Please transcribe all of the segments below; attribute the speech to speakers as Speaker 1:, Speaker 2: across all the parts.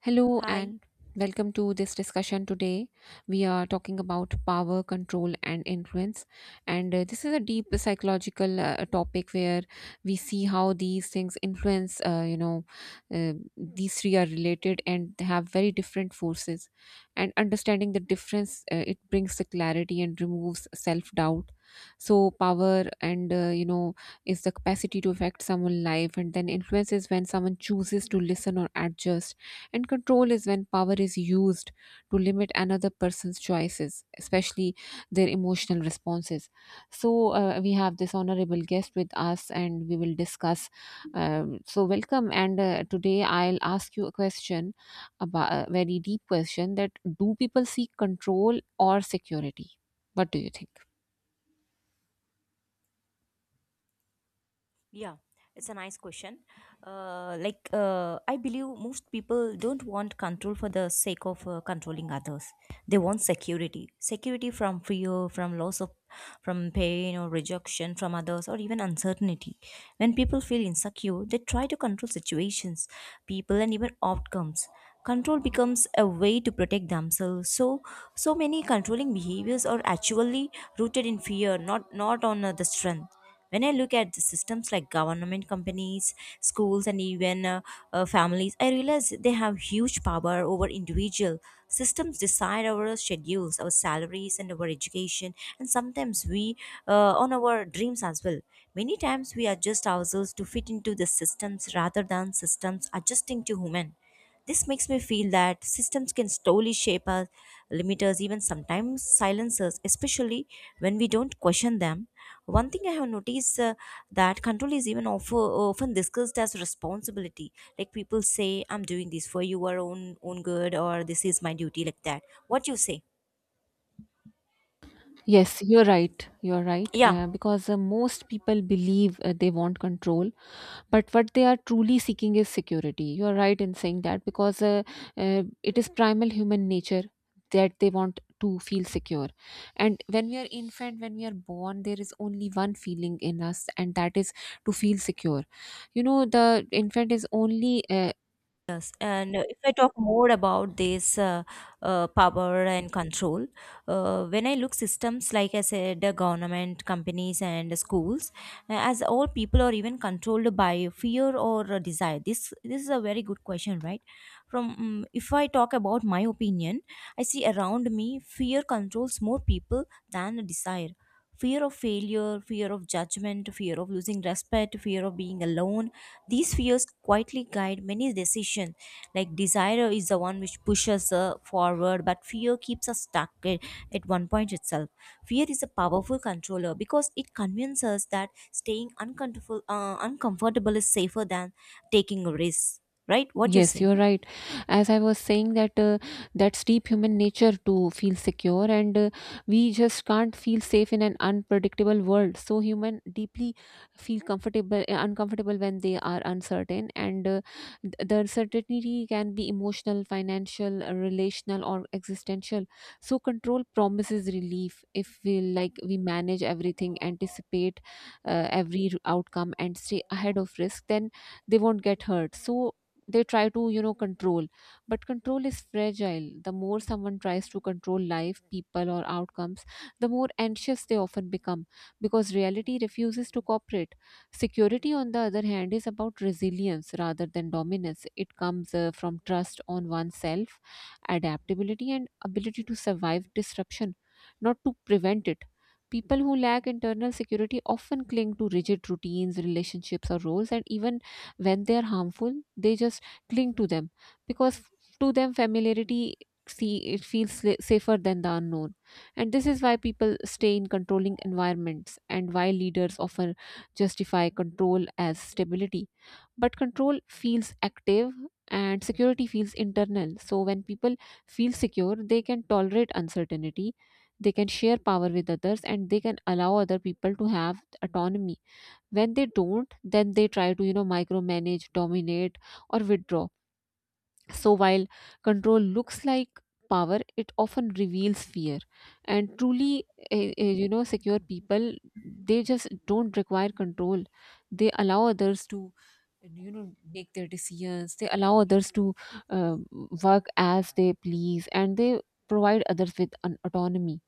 Speaker 1: Hello
Speaker 2: Hi.
Speaker 1: and welcome to this discussion today. We are talking about power, control, and influence. And this is a deep psychological topic where we see how these things influence, these three are related and they have very different forces. And understanding the difference, it brings the clarity and removes self doubt. So, power and, is the capacity to affect someone's life, and then influence is when someone chooses to listen or adjust and control is when power is used to limit another person's choices, especially their emotional responses. So, we have this honorable guest with us and we will discuss. Welcome. And today I'll ask you a question about a very deep question that do people seek control or security? What do you think?
Speaker 2: Yeah, it's a nice question. I believe most people don't want control for the sake of controlling others. They want security, security from fear, from loss of, from pain or rejection from others, or even uncertainty. When people feel insecure, they try to control situations, people, and even outcomes. Control becomes a way to protect themselves. So, so many controlling behaviors are actually rooted in fear, not on the strength. When I look at the systems like government, companies, schools, and even families, I realize they have huge power over individual. Systems decide our schedules, our salaries, and our education, and sometimes we on our dreams as well. Many times we adjust ourselves to fit into the systems rather than systems adjusting to human. This makes me feel that systems can slowly shape our limiters, even sometimes silencers, especially when we don't question them. One thing I have noticed that control is even often discussed as responsibility. Like people say, "I'm doing this for your own good," or "This is my duty," like that. What you say?
Speaker 1: Yes, you're right. You're right.
Speaker 2: Yeah.
Speaker 1: Because most people believe they want control, but what they are truly seeking is security. You are right in saying that, because it is primal human nature that they want to feel secure. And when we are infant, when we are born, there is only one feeling in us, and that is to feel secure. You know, the infant is only
Speaker 2: Yes, and if I talk more about this power and control, when I look systems like I said, the government, companies, and schools, as all people are even controlled by fear or desire. This is a very good question, right? From If I talk about my opinion, I see around me fear controls more people than desire. Fear of failure, fear of judgment, fear of losing respect, fear of being alone, these fears quietly guide many decisions. Like desire is the one which pushes forward, but fear keeps us stuck at one point itself. Fear is a powerful controller because it convinces us that staying uncomfortable is safer than taking a risk. Right? What you
Speaker 1: yes,
Speaker 2: say?
Speaker 1: you're right. As I was saying that, that's deep human nature to feel secure, and we just can't feel safe in an unpredictable world. So human deeply feel comfortable, uncomfortable when they are uncertain, and the uncertainty can be emotional, financial, relational, or existential. So control promises relief if we like we manage everything, anticipate every outcome, and stay ahead of risk. Then they won't get hurt, so they try to, you know, control. But control is fragile. The more someone tries to control life, people, or outcomes, the more anxious they often become, because reality refuses to cooperate. Security, on the other hand, is about resilience rather than dominance. It comes from trust on oneself, adaptability, and ability to survive disruption, not to prevent it. People who lack internal security often cling to rigid routines, relationships, or roles, and even when they are harmful, they just cling to them, because to them familiarity, see, it feels safer than the unknown. And this is why people stay in controlling environments and why leaders often justify control as stability. But control feels active and security feels internal. So when people feel secure, they can tolerate uncertainty, they can share power with others, and they can allow other people to have autonomy. When they don't, then they try to, you know, micromanage, dominate, or withdraw. So, while control looks like power, it often reveals fear. And truly, you know, secure people, they just don't require control. They allow others to, you know, make their decisions. They allow others to uh, work as they please, and they provide others with an autonomy.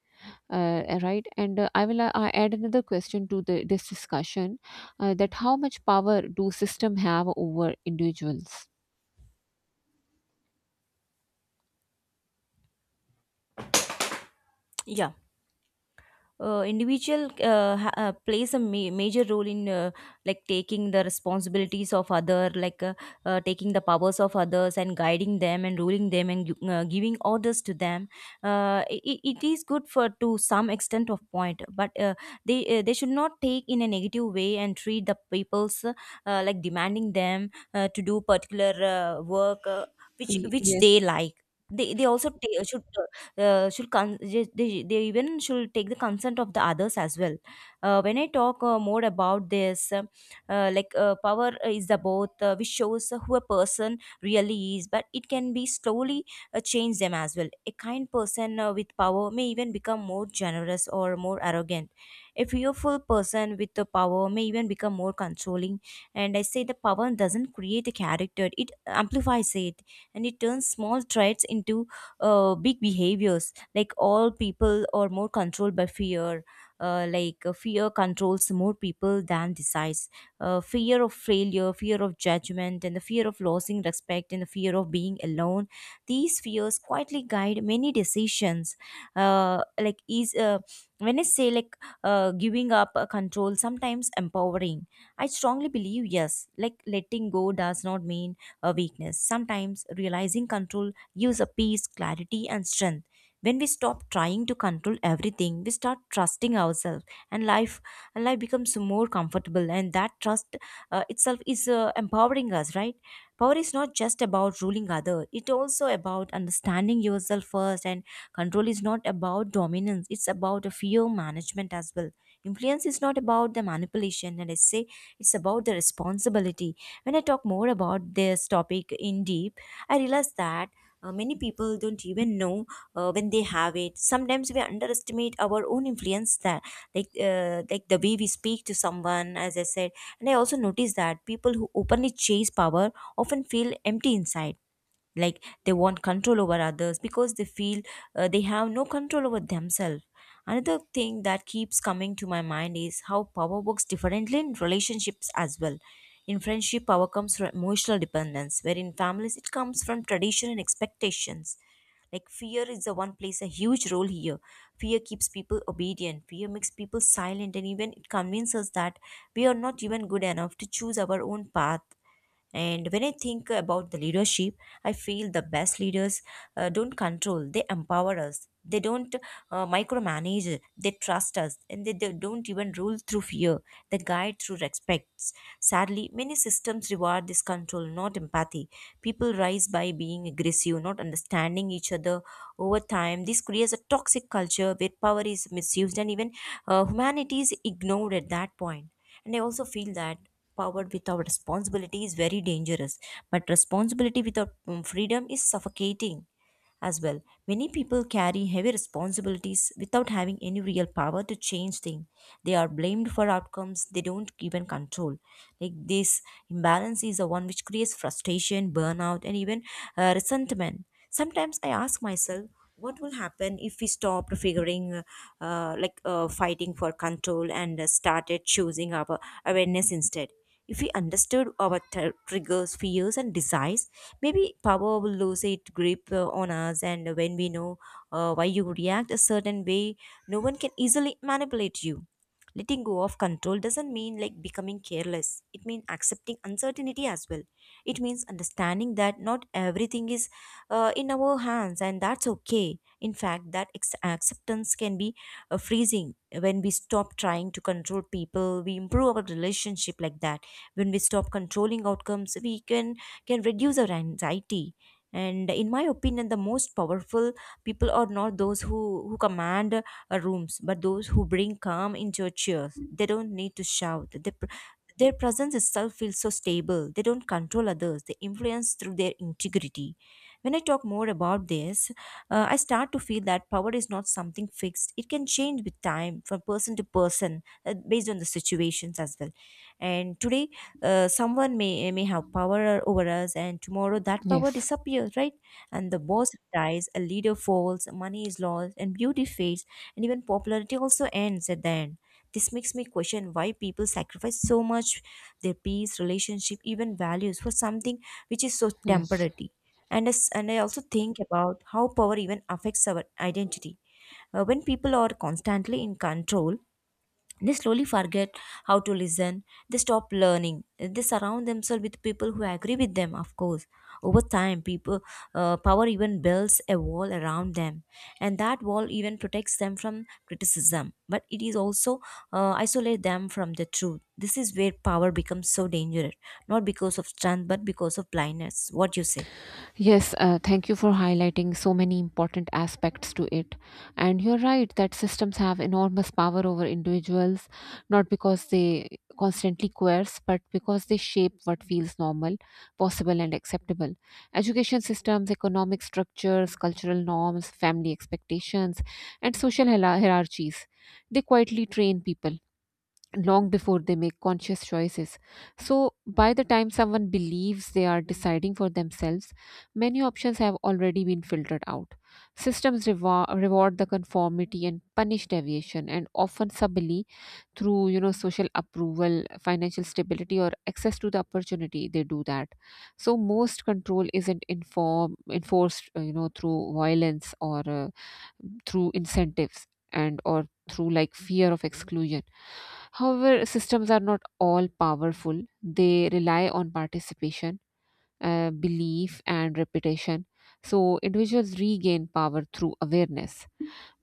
Speaker 1: Right, and I will I add another question to the, this discussion: that how much power do system have over individuals?
Speaker 2: Yeah. Individual plays a major role in like taking the responsibilities of other, like taking the powers of others and guiding them and ruling them and giving orders to them. It is good for to some extent of point, but they should not take in a negative way and treat the people's like demanding them to do particular work uh, which
Speaker 1: Y-
Speaker 2: which they
Speaker 1: yes,
Speaker 2: like. They also ta should con- they even should take the consent of the others as well. When I talk more about this, power is about which shows who a person really is, but it can be slowly change them as well. A kind person with power may even become more generous or more arrogant. A fearful person with the power may even become more controlling. And I say the power doesn't create a character, it amplifies it, and it turns small traits into big behaviors. Like all people are more controlled by fear. Fear controls more people than desires. Fear of failure, fear of judgment, and the fear of losing respect, and the fear of being alone, these fears quietly guide many decisions. Uh, like is when I say like Giving up control sometimes empowering, I strongly believe yes. Like letting go does not mean a weakness. Sometimes realizing control gives a peace, clarity, and strength. When we stop trying to control everything, we start trusting ourselves, and life becomes more comfortable. And that trust itself is empowering us, right? Power is not just about ruling others; it also about understanding yourself first. And control is not about dominance; it's about a fear management as well. Influence is not about the manipulation, and I say it's about the responsibility. When I talk more about this topic in deep, I realized that many people don't even know when they have it. Sometimes we underestimate our own influence that, like the way we speak to someone, as I said. And I also noticed that people who openly chase power often feel empty inside, like they want control over others because they feel they have no control over themselves. Another thing that keeps coming to my mind is how power works differently in relationships as well. In friendship, power comes from emotional dependence, where in families it comes from tradition and expectations. Like fear is the one plays a huge role here. Fear keeps people obedient, fear makes people silent, and even it convinces us that we are not even good enough to choose our own path. And when I think about the leadership, I feel the best leaders don't control, they empower us. They don't micromanage, they trust us, and they don't even rule through fear, they guide through respects. Sadly, many systems reward this control, not empathy. People rise by being aggressive, not understanding each other over time. This creates a toxic culture where power is misused and even humanity is ignored at that point. And I also feel that powered without responsibility is very dangerous, but responsibility without freedom is suffocating as well. Many people carry heavy responsibilities without having any real power to change things. They are blamed for outcomes they don't even control. Like this imbalance is the one which creates frustration, burnout, and even resentment. Sometimes I ask myself, what will happen if we stop figuring like fighting for control and started choosing our awareness instead? If we understood our triggers, fears, and desires, maybe power will lose its grip on us. And when we know why you react a certain way, no one can easily manipulate you. Letting go of control doesn't mean like becoming careless, it means accepting uncertainty as well. It means understanding that not everything is in our hands, and that's okay. In fact, that acceptance can be freezing. When we stop trying to control people, we improve our relationship like that. When we stop controlling outcomes, we can reduce our anxiety. And in my opinion, the most powerful people are not those who command rooms, but those who bring calm into a chair. They don't need to shout, their presence itself feels so stable. They don't control others. They influence through their integrity. When I talk more about this, I start to feel that power is not something fixed. It can change with time from person to person based on the situations as well. And today, someone may have power over us, and tomorrow that power
Speaker 1: yes.
Speaker 2: disappears, right? And the boss dies, a leader falls, money is lost, and beauty fades, and even popularity also ends at the end. This makes me question why people sacrifice so much, their peace, relationship, even values for something which is so
Speaker 1: Yes,
Speaker 2: temporary. And I also think about how power even affects our identity. When people are constantly in control, they slowly forget how to listen. They stop learning. They surround themselves with people who agree with them, of course. Over time, people power even builds a wall around them, and that wall even protects them from criticism. But it is also isolate them from the truth. This is where power becomes so dangerous, not because of strength, but because of blindness. What you say?
Speaker 1: yes. Thank you for highlighting so many important aspects to it. And you're right that systems have enormous power over individuals, not because they constantly coerce, but because they shape what feels normal, possible, and acceptable. Education systems, economic structures, cultural norms, family expectations, and social hierarchies. They quietly train people long before they make conscious choices. So, by the time someone believes they are deciding for themselves, many options have already been filtered out. Systems reward the conformity and punish deviation, and often subtly through, you know, social approval, financial stability, or access to the opportunity. They do that. So most control isn't inform enforced, you know, through violence, or through incentives, and or through like fear of exclusion. However, systems are not all powerful. They rely on participation, belief, and reputation. So individuals regain power through awareness,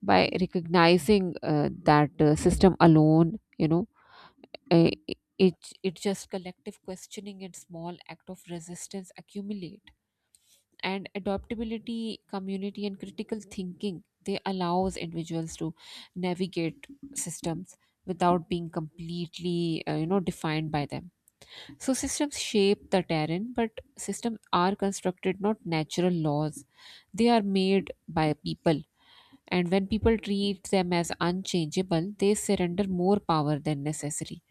Speaker 1: by recognizing that system alone, you know, uh, it it just collective questioning and small act of resistance accumulate. And adaptability, community, and critical thinking, they allows individuals to navigate systems without being completely, you know, defined by them. So systems shape the terrain, but systems are constructed, not natural laws. They are made by people, and when people treat them as unchangeable, they surrender more power than necessary.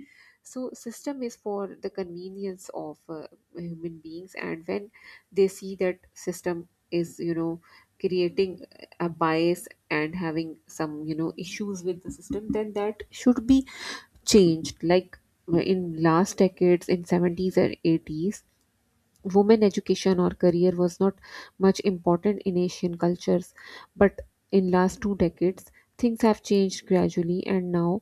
Speaker 1: So system is for the convenience of human beings, and when they see that system is, you know, creating a bias and having some, you know, issues with the system, then that should be changed. Like in last decades, in '70s and '80s, women education or career was not much important in Asian cultures, but in last two decades things have changed gradually, and now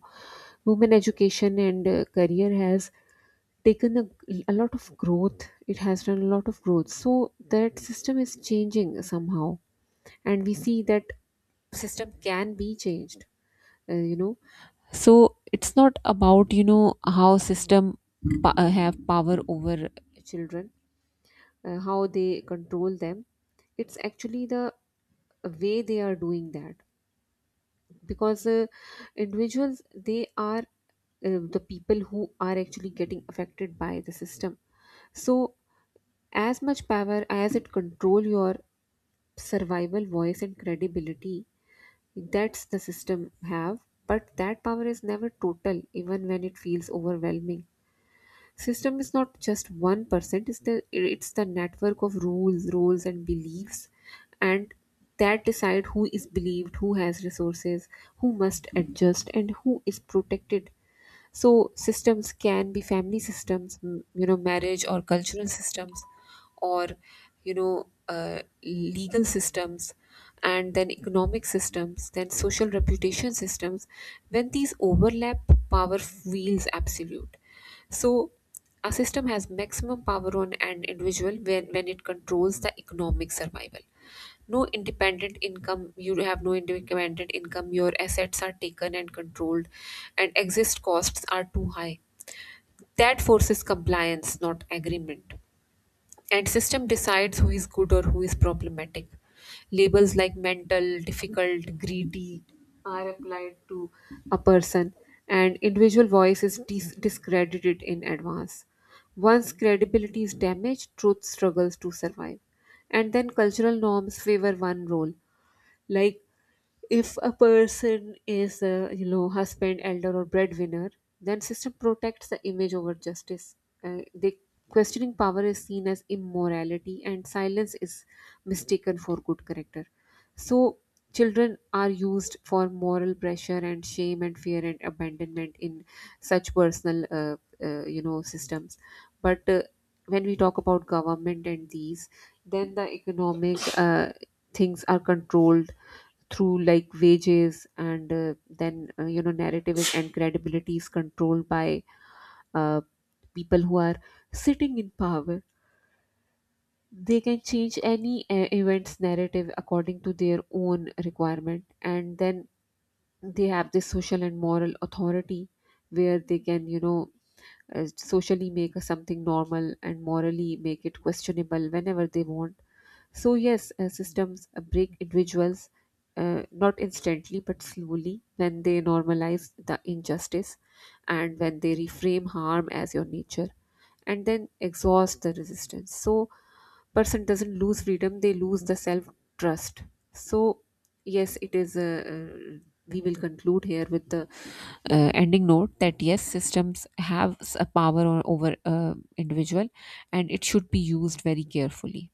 Speaker 1: women education and career has taken a lot of growth. It has done a lot of growth. So that system is changing somehow, and we see that system can be changed. You know, so it's not about, you know, how system have power over children, how they control them. It's actually the way they are doing that, because individuals, they are the people who are actually getting affected by the system. So as much power as it control your survival, voice, and credibility, that's the system have. But that power is never total, even when it feels overwhelming. System is not just one person. It's the, it's the network of rules, roles, and beliefs, and that decide who is believed, who has resources, who must adjust, and who is protected. So systems can be family systems, you know, marriage, or cultural systems, or, you know, legal systems, and then economic systems, then social reputation systems. When these overlap, power feels absolute. So a system has maximum power on an individual when it controls the economic survival. No independent income. You have no independent income, your assets are taken and controlled, and exist costs are too high. That forces compliance, not agreement. And system decides who is good or who is problematic. Labels like mental, difficult, greedy are applied to a person, and individual voice is discredited in advance. Once credibility is damaged, truth struggles to survive. And then cultural norms favor one role, like if a person is, you know, husband, elder, or breadwinner, then system protects the image over justice. The questioning power is seen as immorality, and silence is mistaken for good character. So children are used for moral pressure and shame and fear and abandonment in such personal, you know, systems. But when we talk about government and these, then the economic things are controlled through like wages, and then you know, narrative is and credibility is controlled by uh, people who are sitting in power. They can change any event's narrative according to their own requirement, and then they have this social and moral authority where they can, you know, socially make something normal and morally make it questionable whenever they want. So, yes, systems break individuals, not instantly but slowly, when they normalize the injustice, and when they reframe harm as your nature, and then exhaust the resistance. So, person doesn't lose freedom, they lose the self trust. So, yes it is, uh, we will conclude here with the ending note that yes systems have a power over individual, and it should be used very carefully.